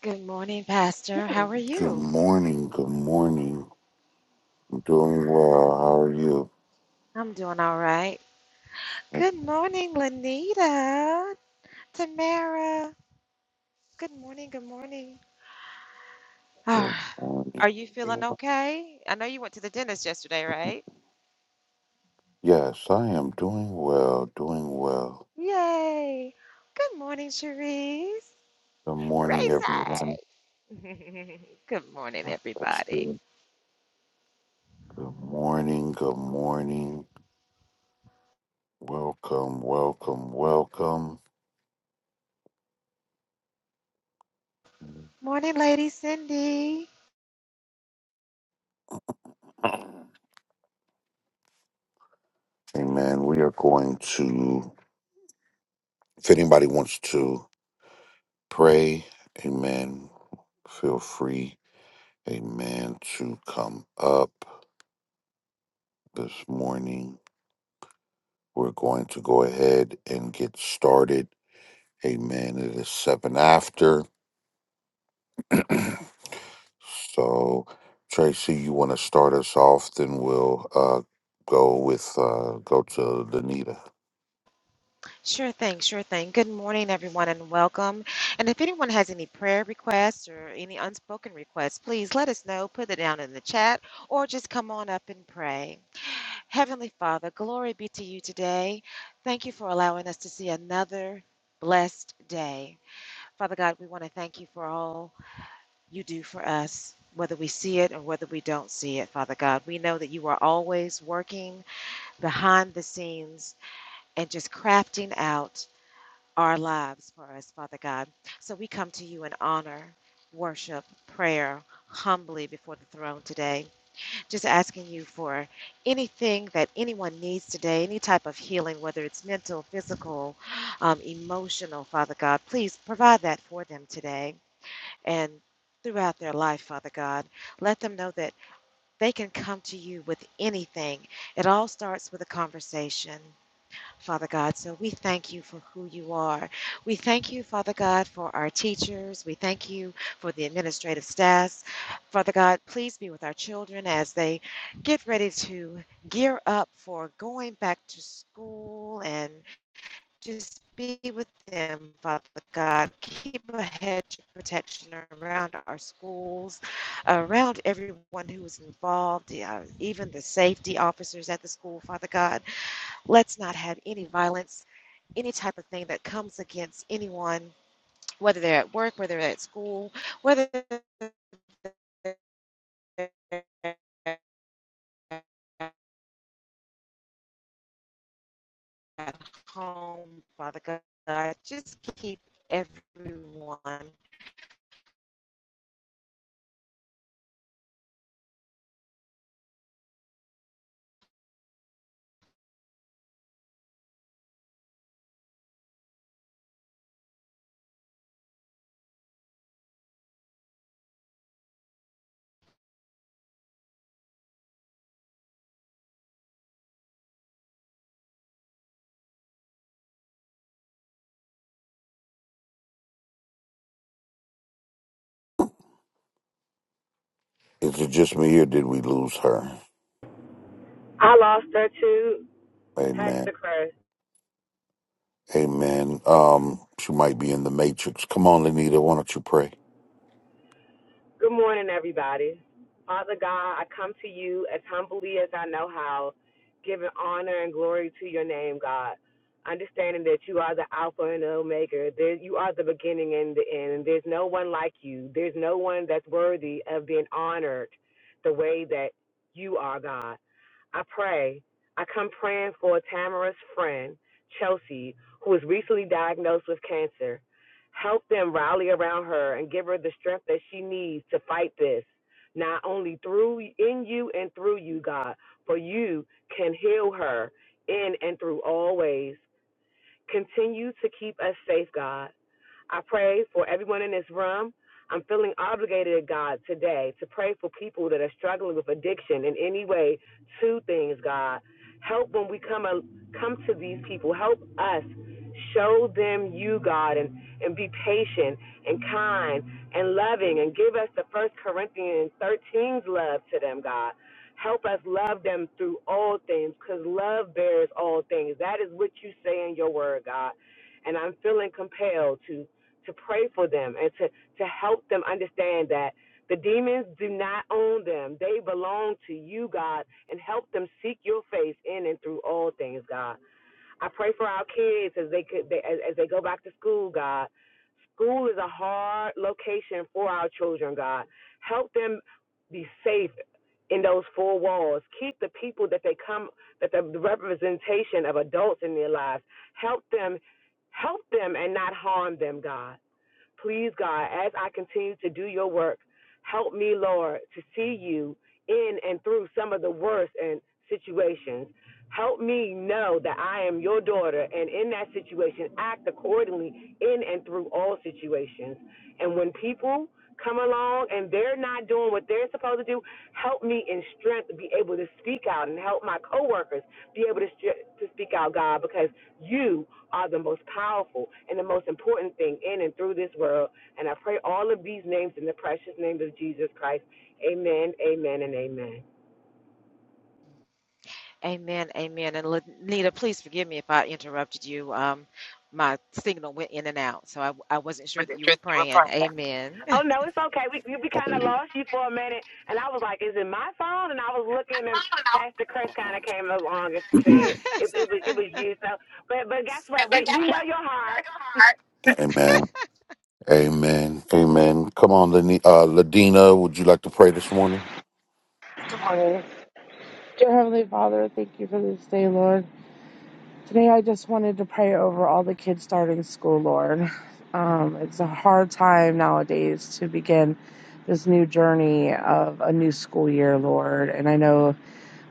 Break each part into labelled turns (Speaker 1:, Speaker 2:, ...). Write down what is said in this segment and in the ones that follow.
Speaker 1: Good morning, Pastor. How are
Speaker 2: Good
Speaker 1: you?
Speaker 2: morning. Good morning. I'm doing well. How are you?
Speaker 1: I'm doing all right. Good morning, Lanita. Tamara. Good morning. Good morning.
Speaker 2: Good
Speaker 1: Ah,
Speaker 2: morning,
Speaker 1: are you feeling
Speaker 2: everyone.
Speaker 1: okay? I know you went to the dentist yesterday, right?
Speaker 2: Yes, I am doing well. Doing well.
Speaker 1: Yay. Good morning, Cherise.
Speaker 2: Good morning, everyone.
Speaker 1: Racy. Good morning,
Speaker 2: I'm blessed.
Speaker 1: everybody.
Speaker 2: Good morning. Good morning. Welcome. Welcome. Welcome.
Speaker 1: Morning, Lady Cindy.
Speaker 2: Amen. We are going to, if anybody wants to pray, amen, feel free, amen, to come up this morning. We're going to go ahead and get started. Amen. It is seven after. so, Tracy, you want to start us off? Then we'll uh, go with uh, go to Danita.
Speaker 1: Sure thing, sure thing. Good morning, everyone, and welcome. And if anyone has any prayer requests or any unspoken requests, please let us know, put it down in the chat, or just come on up and pray. Heavenly Father, glory be to you today. Thank you for allowing us to see another blessed day. Father God, we want to thank you for all you do for us. Whether we see it or whether we don't see it, Father God, we know that you are always working behind the scenes and just crafting out our lives for us, Father God. So we come to you in honor, worship, prayer, humbly before the throne today. Just asking you for anything that anyone needs today, any type of healing, whether it's mental, physical, um, emotional, Father God. Please provide that for them today and throughout their life, Father God. Let them know that they can come to you with anything. It all starts with a conversation. Father God. So we thank you for who you are. We thank you, Father God, for our teachers. We thank you for the administrative staffs. Father God, please be with our children as they get ready to gear up for going back to school and just be with them, Father God. Keep a hedge of protection around our schools, around everyone who is involved, uh, even the safety officers at the school, Father God. Let's not have any violence, any type of thing that comes against anyone, whether they're at work, whether they're at school, whether they're at home, Father God. Just keep everyone.
Speaker 2: Is it just me or did we lose her?
Speaker 3: I lost her too,
Speaker 2: Amen.
Speaker 3: Pastor Chris.
Speaker 2: Amen. Um, she might be in the matrix. Come on, Lenita. Why don't you pray?
Speaker 3: Good morning, everybody. Father God, I come to you as humbly as I know how, giving honor and glory to your name, God. Understanding that you are the Alpha and Omega, there, you are the beginning and the end, and there's no one like you. There's no one that's worthy of being honored the way that you are, God. I pray. I come praying for Tamara's friend, Chelsea, who was recently diagnosed with cancer. Help them rally around her and give her the strength that she needs to fight this, not only through in you and through you, God, for you can heal her in and through all ways. Continue to keep us safe, God. I pray for everyone in this room. I'm feeling obligated, God, today to pray for people that are struggling with addiction in any way. Two things, God. Help when we come a, come to these people. Help us show them you, God, and, and be patient and kind and loving and give us the First Corinthians 13's love to them, God. Help us love them through all things because love bears all things. That is what you say in your word, God and I'm feeling compelled to to pray for them and to, to help them understand that the demons do not own them. They belong to you, God, and help them seek your face in and through all things, God. I pray for our kids as they could they, as, as they go back to school, God. School is a hard location for our children, God. Help them be safe in those four walls. Keep the people that they come that the representation of adults in their lives. Help them help them and not harm them, God. Please, God, as I continue to do your work, help me, Lord, to see you in and through some of the worst and situations. Help me know that I am your daughter, and in that situation, act accordingly in and through all situations. And when people come along and they're not doing what they're supposed to do, help me in strength to be able to speak out and help my coworkers be able to, to speak out, God, because you are the most powerful and the most important thing in and through this world. And I pray all of these names in the precious name of Jesus Christ. Amen, amen, and amen.
Speaker 1: Amen. Amen. And Lenita, please forgive me if I interrupted you. Um, my signal went in and out, so I, I wasn't sure
Speaker 2: With
Speaker 1: that
Speaker 2: the
Speaker 1: you were
Speaker 2: truth, you were
Speaker 1: praying.
Speaker 2: perfect.
Speaker 1: Amen.
Speaker 3: Oh, no, it's okay. We, we kind of lost you for a minute. And I was like, is it my phone? And I was looking, and Pastor Chris kind of came along and said it, it, was, it was you. So, But, but guess what? We, we know your heart.
Speaker 2: Amen. Amen. Amen. Come on, Lani- uh, Ladina. Would you like to pray this morning?
Speaker 4: Dear Heavenly Father, thank you for this day, Lord. Today I just wanted to pray over all the kids starting school, Lord. Um, it's a hard time nowadays to begin this new journey of a new school year, Lord. And I know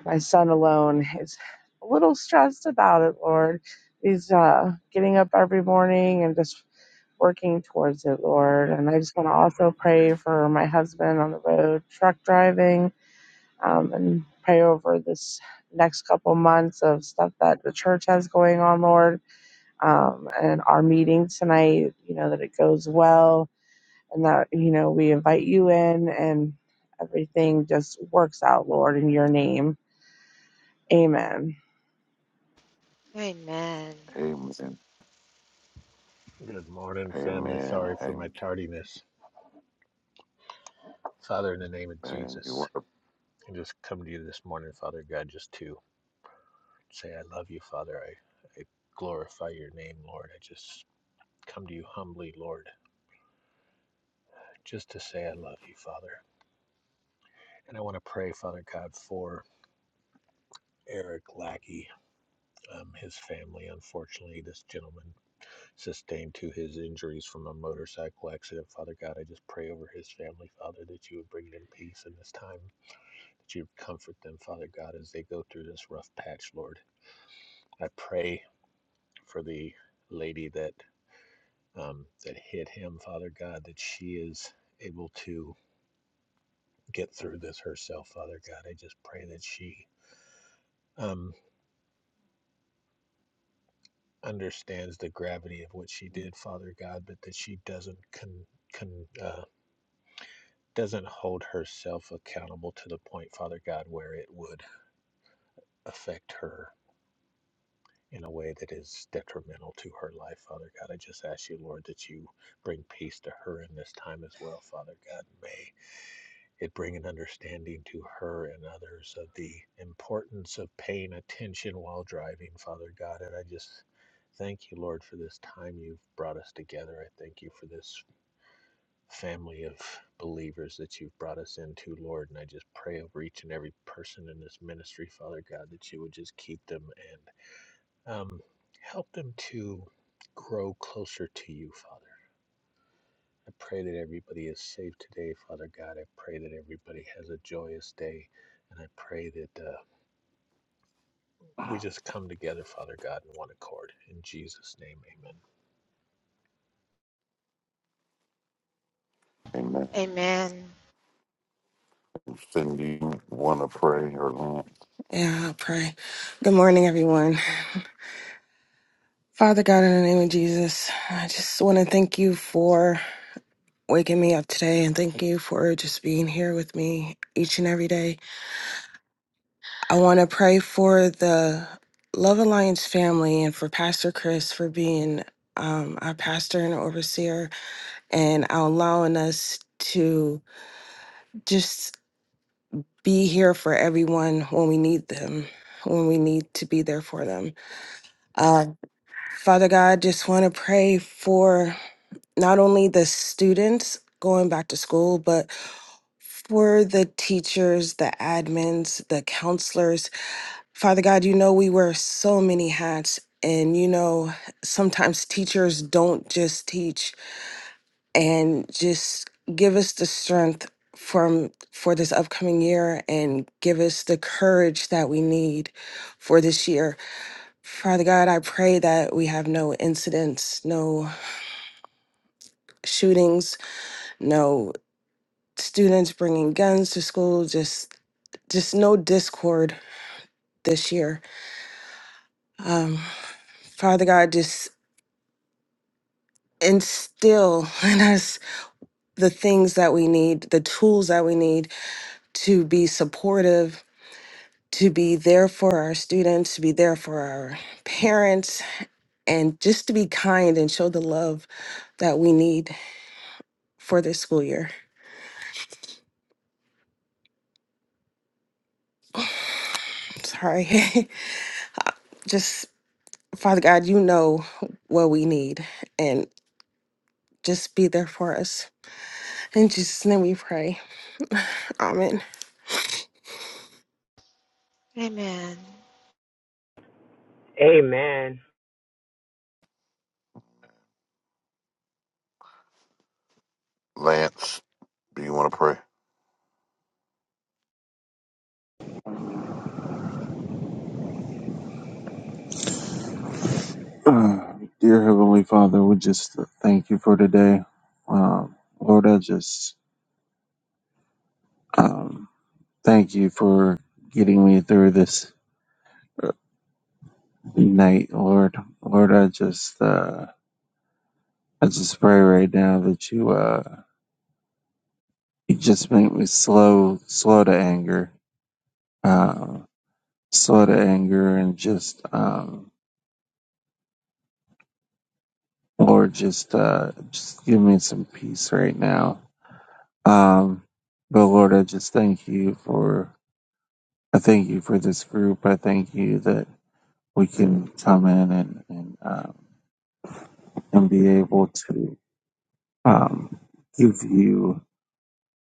Speaker 4: my son alone is a little stressed about it, Lord. He's uh, getting up every morning and just working towards it, Lord. And I just want to also pray for my husband on the road, truck driving um, and pray over this next couple months of stuff that the church has going on, Lord, um, and our meeting tonight, you know, that it goes well and that, you know, we invite you in and everything just works out, Lord, in your name. Amen.
Speaker 1: Amen.
Speaker 2: Amen.
Speaker 5: Good morning, family.
Speaker 2: Amen.
Speaker 5: Sorry for my tardiness. Father, in the name of
Speaker 2: Amen. You
Speaker 5: Jesus,
Speaker 2: want to?
Speaker 5: I just come to you this morning, Father God, just to say I love you, Father. I, I glorify your name, Lord. I just come to you humbly, Lord, just to say I love you, Father. And I want to pray, Father God, for Eric Lackey, um, his family. Unfortunately, this gentleman sustained to his injuries from a motorcycle accident. Father God, I just pray over his family, Father, that you would bring them peace in this time. that you comfort them, Father God, as they go through this rough patch, Lord. I pray for the lady that um, that hit him, Father God, that she is able to get through this herself, Father God. I just pray that she um, understands the gravity of what she did, Father God, but that she doesn't con, con uh, doesn't hold herself accountable to the point, Father God, where it would affect her in a way that is detrimental to her life, Father God. I just ask you, Lord, that you bring peace to her in this time as well, Father God. May it bring an understanding to her and others of the importance of paying attention while driving, Father God. And I just thank you, Lord, for this time you've brought us together. I thank you for this family of believers that you've brought us into, Lord. And I just pray over each and every person in this ministry, Father God, that you would just keep them and. Um, help them to grow closer to you, Father. I pray that everybody is safe today, Father God. I pray that everybody has a joyous day. And I pray that uh, we just come together, Father God, in one accord. In Jesus' name, amen.
Speaker 2: Amen.
Speaker 1: Amen.
Speaker 2: Cindy, you want to pray or Lance?
Speaker 6: Yeah, I'll pray. Good morning, everyone. Father God, in the name of Jesus, I just want to thank you for waking me up today and thank you for just being here with me each and every day. I want to pray for the Love Alliance family and for Pastor Chris for being um, our pastor and overseer and allowing us to just be here for everyone when we need them, when we need to be there for them. Um, Father God, just want to pray for not only the students going back to school, but for the teachers, the admins, the counselors. Father God, you know we wear so many hats, and you know sometimes teachers don't just teach and just give us the strength from for this upcoming year and give us the courage that we need for this year. Father God, I pray that we have no incidents, no shootings, no students bringing guns to school, just just no discord this year. Um, Father God, just instill in us the things that we need, the tools that we need to be supportive, to be there for our students, to be there for our parents, and just to be kind and show the love that we need for this school year. Sorry. just Father God, you know what we need. Just be there for us. In Jesus' name we pray. Amen.
Speaker 1: Amen.
Speaker 3: Amen.
Speaker 2: Lance, do you want to pray?
Speaker 7: Uh, dear Heavenly Father, we just thank you for today. Um, Lord, I just um, thank you for getting me through this uh, night, Lord. Lord, I just uh, I just pray right now that you uh, you just make me slow, slow to anger, uh, slow to anger, and just um, Lord, just uh, just give me some peace right now. Um, but Lord, I just thank you for. I thank you for this group. I thank you that we can come in and and, um, and be able to um, give you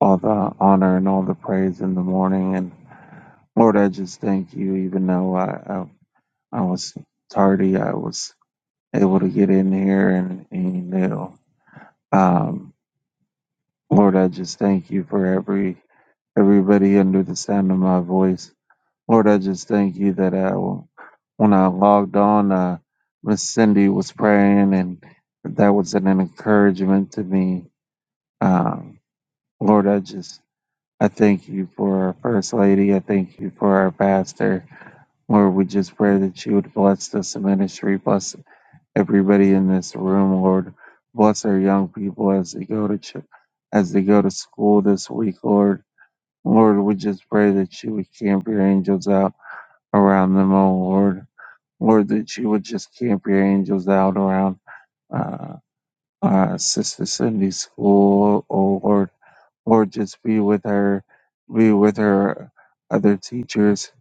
Speaker 7: all the honor and all the praise in the morning. And Lord, I just thank you, even though I I, I was tardy, I was able to get in here and, and you know, um, Lord, I just thank you for every everybody under the sound of my voice. Lord, I just thank you that I, when I logged on, uh, Miss Cindy was praying, and that was an encouragement to me. Um, Lord, I just I thank you for our first lady. I thank you for our pastor. Lord, we just pray that you would bless this ministry, bless everybody in this room. Lord, bless our young people as they go to ch- as they go to school this week. Lord, Lord, we just pray that you would camp your angels out around them, oh Lord. Lord, that you would just camp your angels out around uh, uh, Sister Cindy's School, oh Lord. Lord, just be with her, be with her other teachers,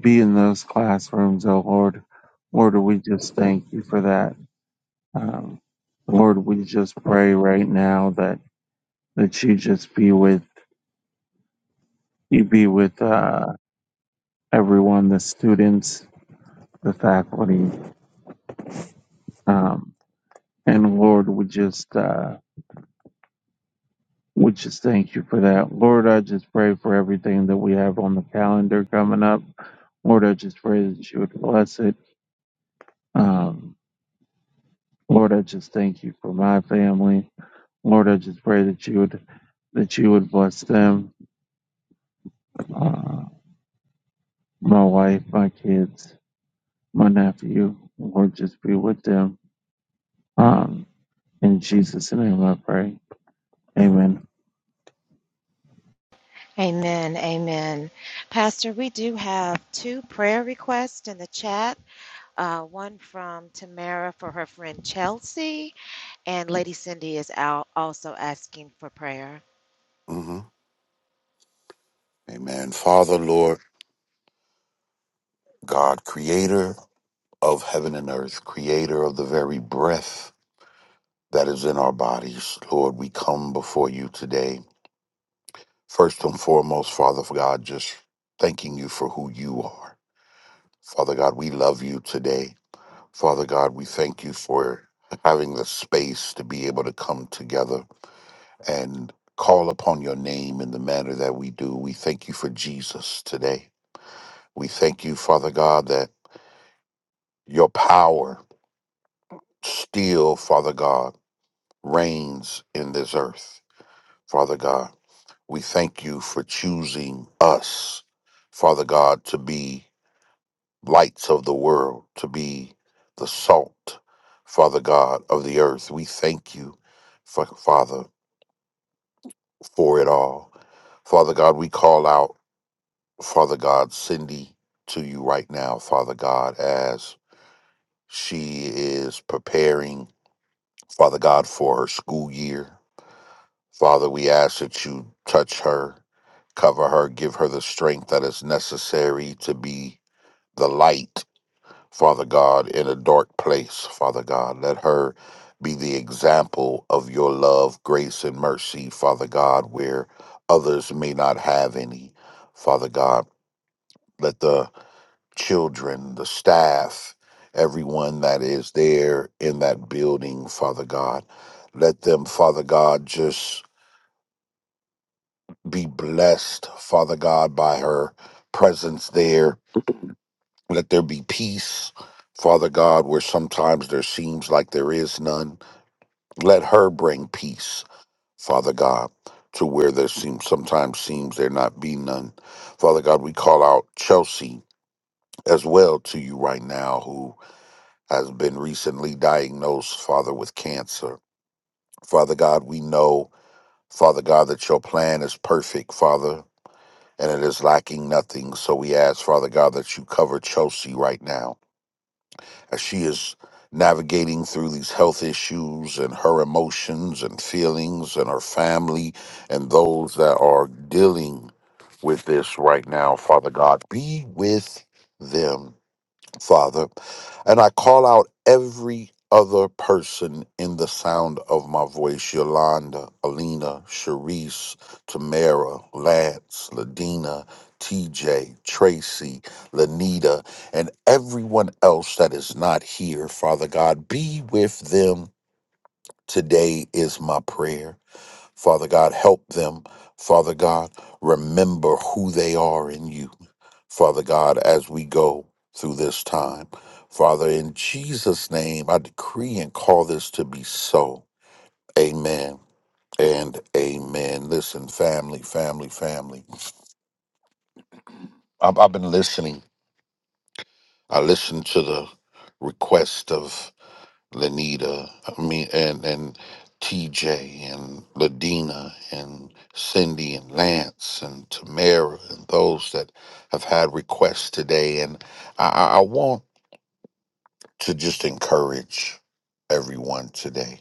Speaker 7: be in those classrooms, oh Lord. Lord, we just thank you for that. Um, Lord, we just pray right now that, that you just be with, you be with uh, everyone, the students, the faculty. um, And Lord, we just uh, we just thank you for that. Lord, I just pray for everything that we have on the calendar coming up. Lord, I just pray that you would bless it. Um, Lord, I just thank you for my family. Lord, I just pray that you would that you would bless them, uh, my wife, my kids, my nephew. Lord, just be with them. Um, in Jesus' name, I pray. Amen.
Speaker 1: Amen. Amen. Pastor, we do have two prayer requests in the chat. Uh, one from Tamara for her friend Chelsea, and Lady Cindy is out also asking for prayer.
Speaker 2: hmm Amen. Father, Lord God, Creator of heaven and earth, Creator of the very breath that is in our bodies, Lord, we come before you today. First and foremost, Father God, just thanking you for who you are. Father God, we love you today. Father God, we thank you for having the space to be able to come together and call upon your name in the manner that we do. We thank you for Jesus today. We thank you, Father God, that your power still, Father God, reigns in this earth. Father God, we thank you for choosing us, Father God, to be. lights of the world, to be the salt, Father God, of the earth. We thank you, Fa- Father, for it all. Father God, we call out, Father God, Cindy to you right now, Father God, as she is preparing, Father God, for her school year. Father, we ask that you touch her, cover her, give her the strength that is necessary to be the light Father God, in a dark place, Father God. Let her be the example of your love, grace, and mercy, Father God, where others may not have any, Father God. Let the children, the staff, everyone that is there in that building, Father God, let them, Father God, just be blessed, Father God, by her presence there Let there be peace, Father God, where sometimes there seems like there is none. Let her bring peace, Father God, to where there seems sometimes seems there not be none. Father God, we call out Chelsea as well to you right now, who has been recently diagnosed, Father, with cancer. Father God, we know, Father God, that your plan is perfect, Father, and it is lacking nothing. So we ask, Father God, that you cover Chelsea right now. as she is navigating through these health issues and her emotions and feelings and her family and those that are dealing with this right now, Father God, be with them Father, and I call out every other person in the sound of my voice Yolanda, Alina, Sharice, Tamara, Lance, Ladina, TJ, Tracy, Lanita, and everyone else that is not here. Father God, be with them today, is my prayer. Father God, help them. Father God, remember who they are in you. Father God, as we go through this time. Father, in Jesus' name, I decree and call this to be so. Amen and amen. Listen, family, family, family. I've, I've been listening. I listened to the request of Lenita, I mean, and and TJ and Ladina and Cindy and Lance and Tamara and those that have had requests today. And I, I I want to just encourage everyone today.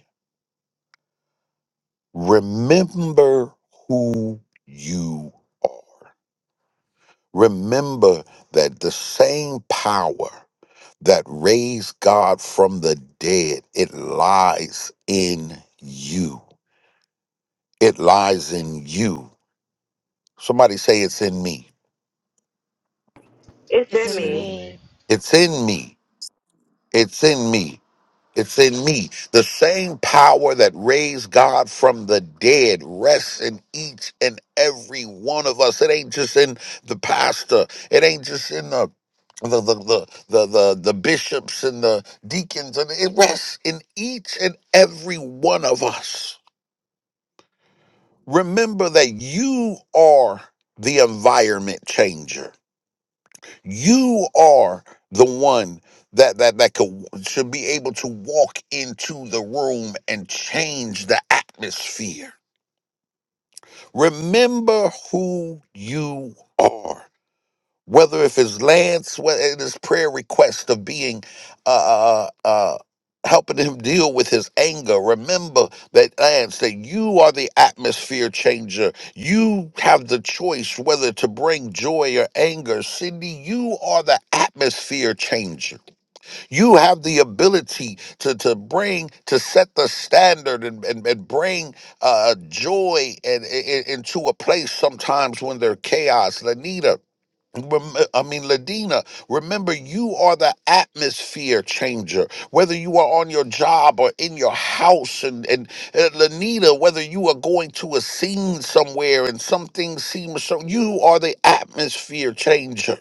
Speaker 2: Remember who you are. Remember that the same power that raised God from the dead, it lies in you. It lies in you. Somebody say it's in me.
Speaker 3: It's
Speaker 1: It's
Speaker 3: in
Speaker 5: It's
Speaker 1: in
Speaker 6: Send
Speaker 3: me
Speaker 5: in
Speaker 6: me
Speaker 5: me
Speaker 1: me.
Speaker 2: It's in me. It's in me. It's in me. The same power that raised God from the dead rests in each and every one of us. It ain't just in the pastor. It ain't just in the the the the the, the, the bishops and the deacons and it rests in each and every one of us. Remember that you are the environment changer. You are the one that that that could should be able to walk into the room and change the atmosphere. Remember who you are whether if it's land whether it is prayer request of being uh uh uh, uh, helping him deal with his anger remember that lance that you are the atmosphere changer you have the choice whether to bring joy or anger cindy you are the atmosphere changer you have the ability to to bring to set the standard and and, and bring uh joy and, and into a place sometimes when there's chaos lanita Rem- I mean, Ladina, remember you are the atmosphere changer. Whether you are on your job or in your house, and and uh, Lanita, whether you are going to a scene somewhere and something seems so, you are the atmosphere changer.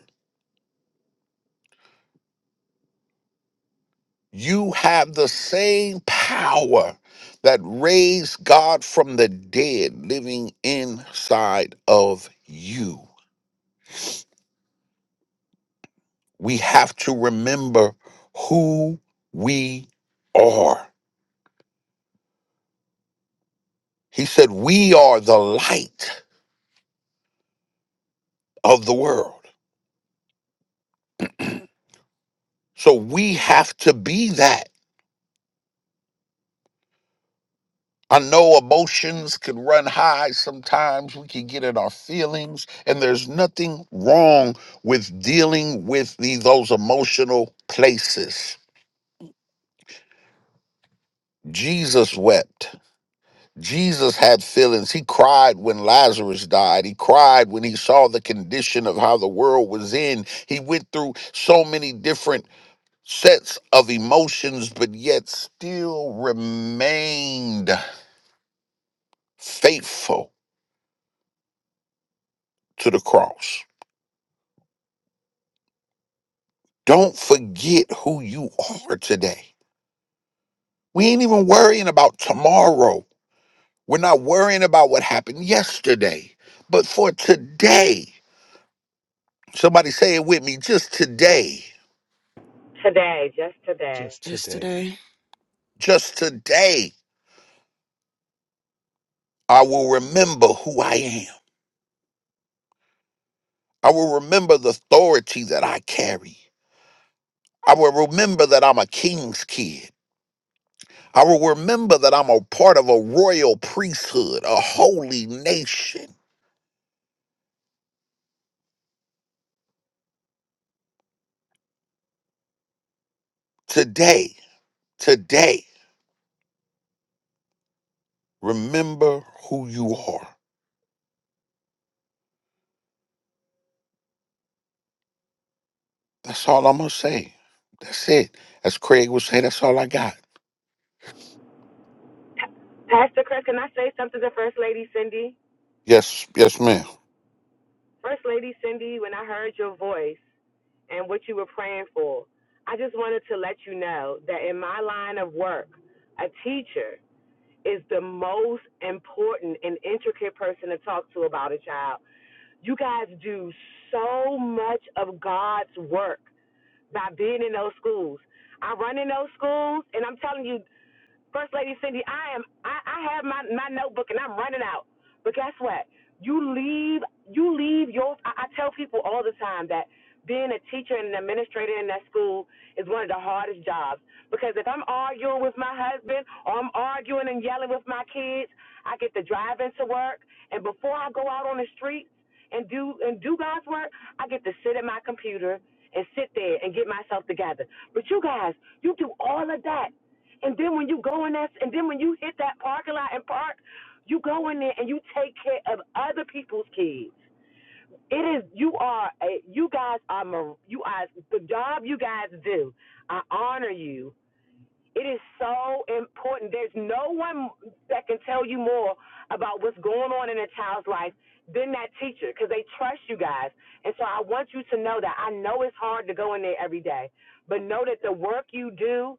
Speaker 2: You have the same power that raised God from the dead living inside of you. We have to remember who we are. He said, We are the light of the world. So we have to be that. I know emotions can run high sometimes. We can get in our feelings, and there's nothing wrong with dealing with the, those emotional places. Jesus wept. Jesus had feelings. He cried when Lazarus died. He cried when he saw the condition of how the world was in. He went through so many different sets of emotions, but yet still remained faithful to the cross. Don't forget who you are today. We ain't even worrying about tomorrow. We're not worrying about what happened yesterday, but for today. Somebody say it with me just today.
Speaker 3: today, just today.
Speaker 5: just
Speaker 6: just
Speaker 5: today.
Speaker 6: today.
Speaker 2: Just today, I will remember who I am. I will remember the authority that I carry. I will remember that I'm a king's kid. I will remember that I'm a part of a royal priesthood, a holy nation. Today, today, remember who you are. That's all I'm going to say. That's it. As Craig would say, that's all I got.
Speaker 3: Pastor Chris, can I say something to First Lady Cindy?
Speaker 2: Yes, yes, ma'am.
Speaker 3: First Lady Cindy, when I heard your voice and what you were praying for, I just wanted to let you know that in my line of work, a teacher is the most important and intricate person to talk to about a child. You guys do so much of God's work by being in those schools. I run in those schools, and I'm telling you, First Lady Cindy, I am I, I have my, my notebook and I'm running out. But guess what? You leave you leave your I, I tell people all the time that being a teacher and an administrator in that school is one of the hardest jobs because if I'm arguing with my husband or I'm arguing and yelling with my kids, I get to drive into work and before I go out on the streets and do and do God's work, I get to sit at my computer and sit there and get myself together. But you guys, you do all of that and then when you go in that, and then when you hit that parking lot and park, you go in there and you take care of other people's kids. It is you are a, you guys are mar- you are the job you guys do. I honor you. It is so important. There's no one that can tell you more about what's going on in a child's life than that teacher because they trust you guys. And so I want you to know that I know it's hard to go in there every day, but know that the work you do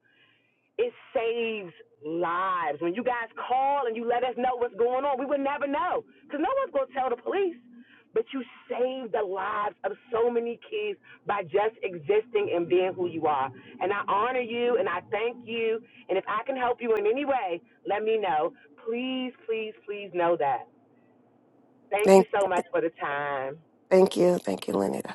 Speaker 3: it saves lives. When you guys call and you let us know what's going on, we would never know because no one's going to tell the police. But you save the lives of so many kids by just existing and being who you are. And I honor you and I thank you. And if I can help you in any way, let me know. Please, please, please know that. Thank you
Speaker 6: Thank,
Speaker 3: so much for the time.
Speaker 6: thank you. Thank you, Lenita.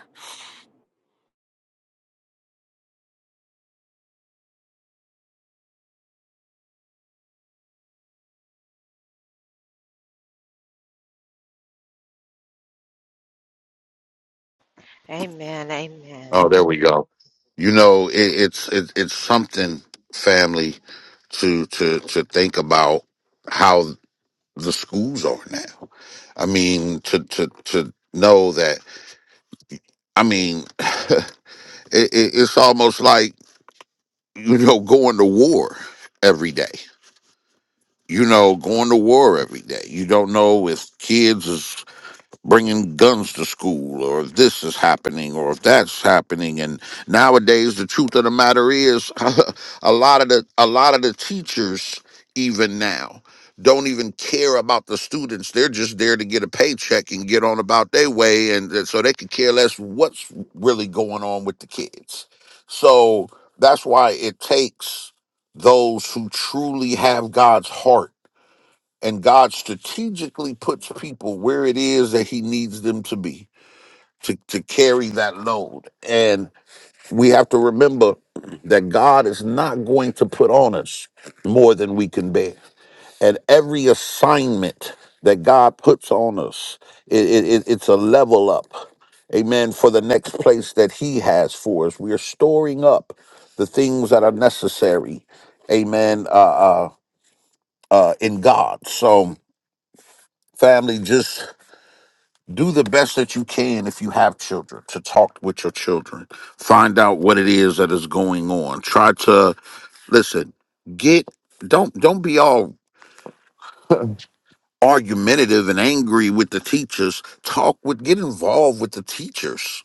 Speaker 1: Amen. Amen.
Speaker 2: Oh, there we go. You know, it, it's it, it's something, family, to to to think about how the schools are now. I mean, to to to know that. I mean, it, it, it's almost like you know going to war every day you know going to war every day you don't know if kids is bringing guns to school or if this is happening or if that's happening and nowadays the truth of the matter is a lot of the a lot of the teachers even now don't even care about the students they're just there to get a paycheck and get on about their way and th- so they could care less what's really going on with the kids so that's why it takes those who truly have God's heart and God strategically puts people where it is that He needs them to be to, to carry that load. And we have to remember that God is not going to put on us more than we can bear. And every assignment that God puts on us, it, it, it- it's a level up. Amen. For the next place that He has for us, we are storing up the things that are necessary. Amen. Uh, uh, uh, in God. So, family, just do the best that you can if you have children to talk with your children find out what it is that is going on try to listen get don't don't be all argumentative and angry with the teachers talk with get involved with the teachers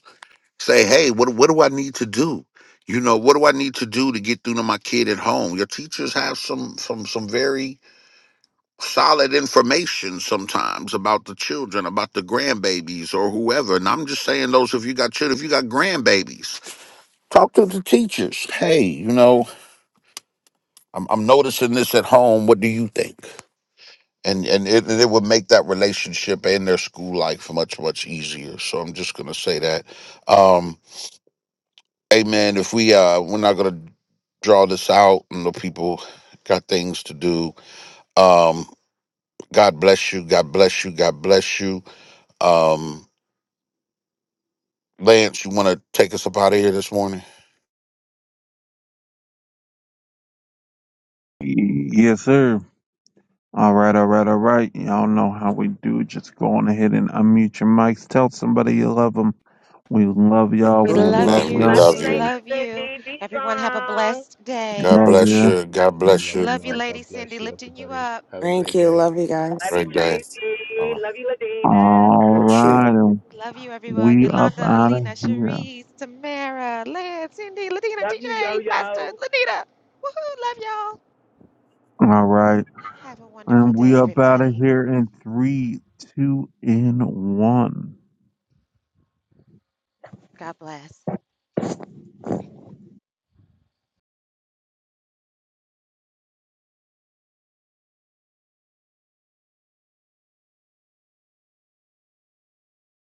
Speaker 2: say hey what what do i need to do you know what do i need to do to get through to my kid at home your teachers have some some some very solid information sometimes about the children, about the grandbabies or whoever. And I'm just saying those if you got children, if you got grandbabies, talk to the teachers. Hey, you know, I'm, I'm noticing this at home. What do you think? And and it, it would make that relationship and their school life much much easier. So I'm just gonna say that. Um, hey man, if we uh we're not gonna draw this out, and the people got things to do. Um, God bless you. God bless you. God bless you. Um, Lance, you want to take us up out of here this morning?
Speaker 7: Y- Yes, sir. All right, all right, all right. Y'all know how we do. Just go on ahead and unmute your mics. Tell somebody you love them. We love y'all.
Speaker 1: We
Speaker 7: We
Speaker 6: Love you
Speaker 1: love
Speaker 7: love
Speaker 2: And we
Speaker 3: Love
Speaker 1: you.
Speaker 7: y'all.
Speaker 6: guys.
Speaker 3: you,
Speaker 2: love
Speaker 1: We
Speaker 3: Lady
Speaker 2: you.
Speaker 1: love you.
Speaker 3: Cindy. Be
Speaker 1: Everyone have a
Speaker 3: strong.
Speaker 1: blessed day.
Speaker 2: God
Speaker 7: Love
Speaker 2: bless
Speaker 7: ya.
Speaker 2: you. God bless
Speaker 1: We
Speaker 5: Love
Speaker 2: you.
Speaker 5: you
Speaker 1: love you,
Speaker 5: all. God
Speaker 1: Lady Cindy,
Speaker 5: bless you,
Speaker 1: lifting you
Speaker 5: everybody.
Speaker 1: up.
Speaker 5: Have a
Speaker 6: Thank
Speaker 5: great
Speaker 6: you.
Speaker 5: day.
Speaker 6: Love you guys.
Speaker 3: Love you,
Speaker 2: Great day. All
Speaker 3: Tracy.
Speaker 2: right.
Speaker 3: Love you, Ladina.
Speaker 7: All
Speaker 2: Bless you.
Speaker 7: right, and
Speaker 1: Love you, everyone.
Speaker 7: we up
Speaker 1: Yolanda,
Speaker 7: out of
Speaker 1: Alina,
Speaker 7: here.
Speaker 1: Cherise, Tamara, Lance, Cindy, Ladina,
Speaker 3: Love you, Yo
Speaker 1: TJ,
Speaker 3: Yo.
Speaker 1: Pastor, Lanita. Woohoo! Love y'all.
Speaker 7: All right,
Speaker 1: Have a wonderful
Speaker 7: and we
Speaker 1: day,
Speaker 7: up out of
Speaker 1: everybody.
Speaker 7: here in three, two, and one.
Speaker 1: God bless.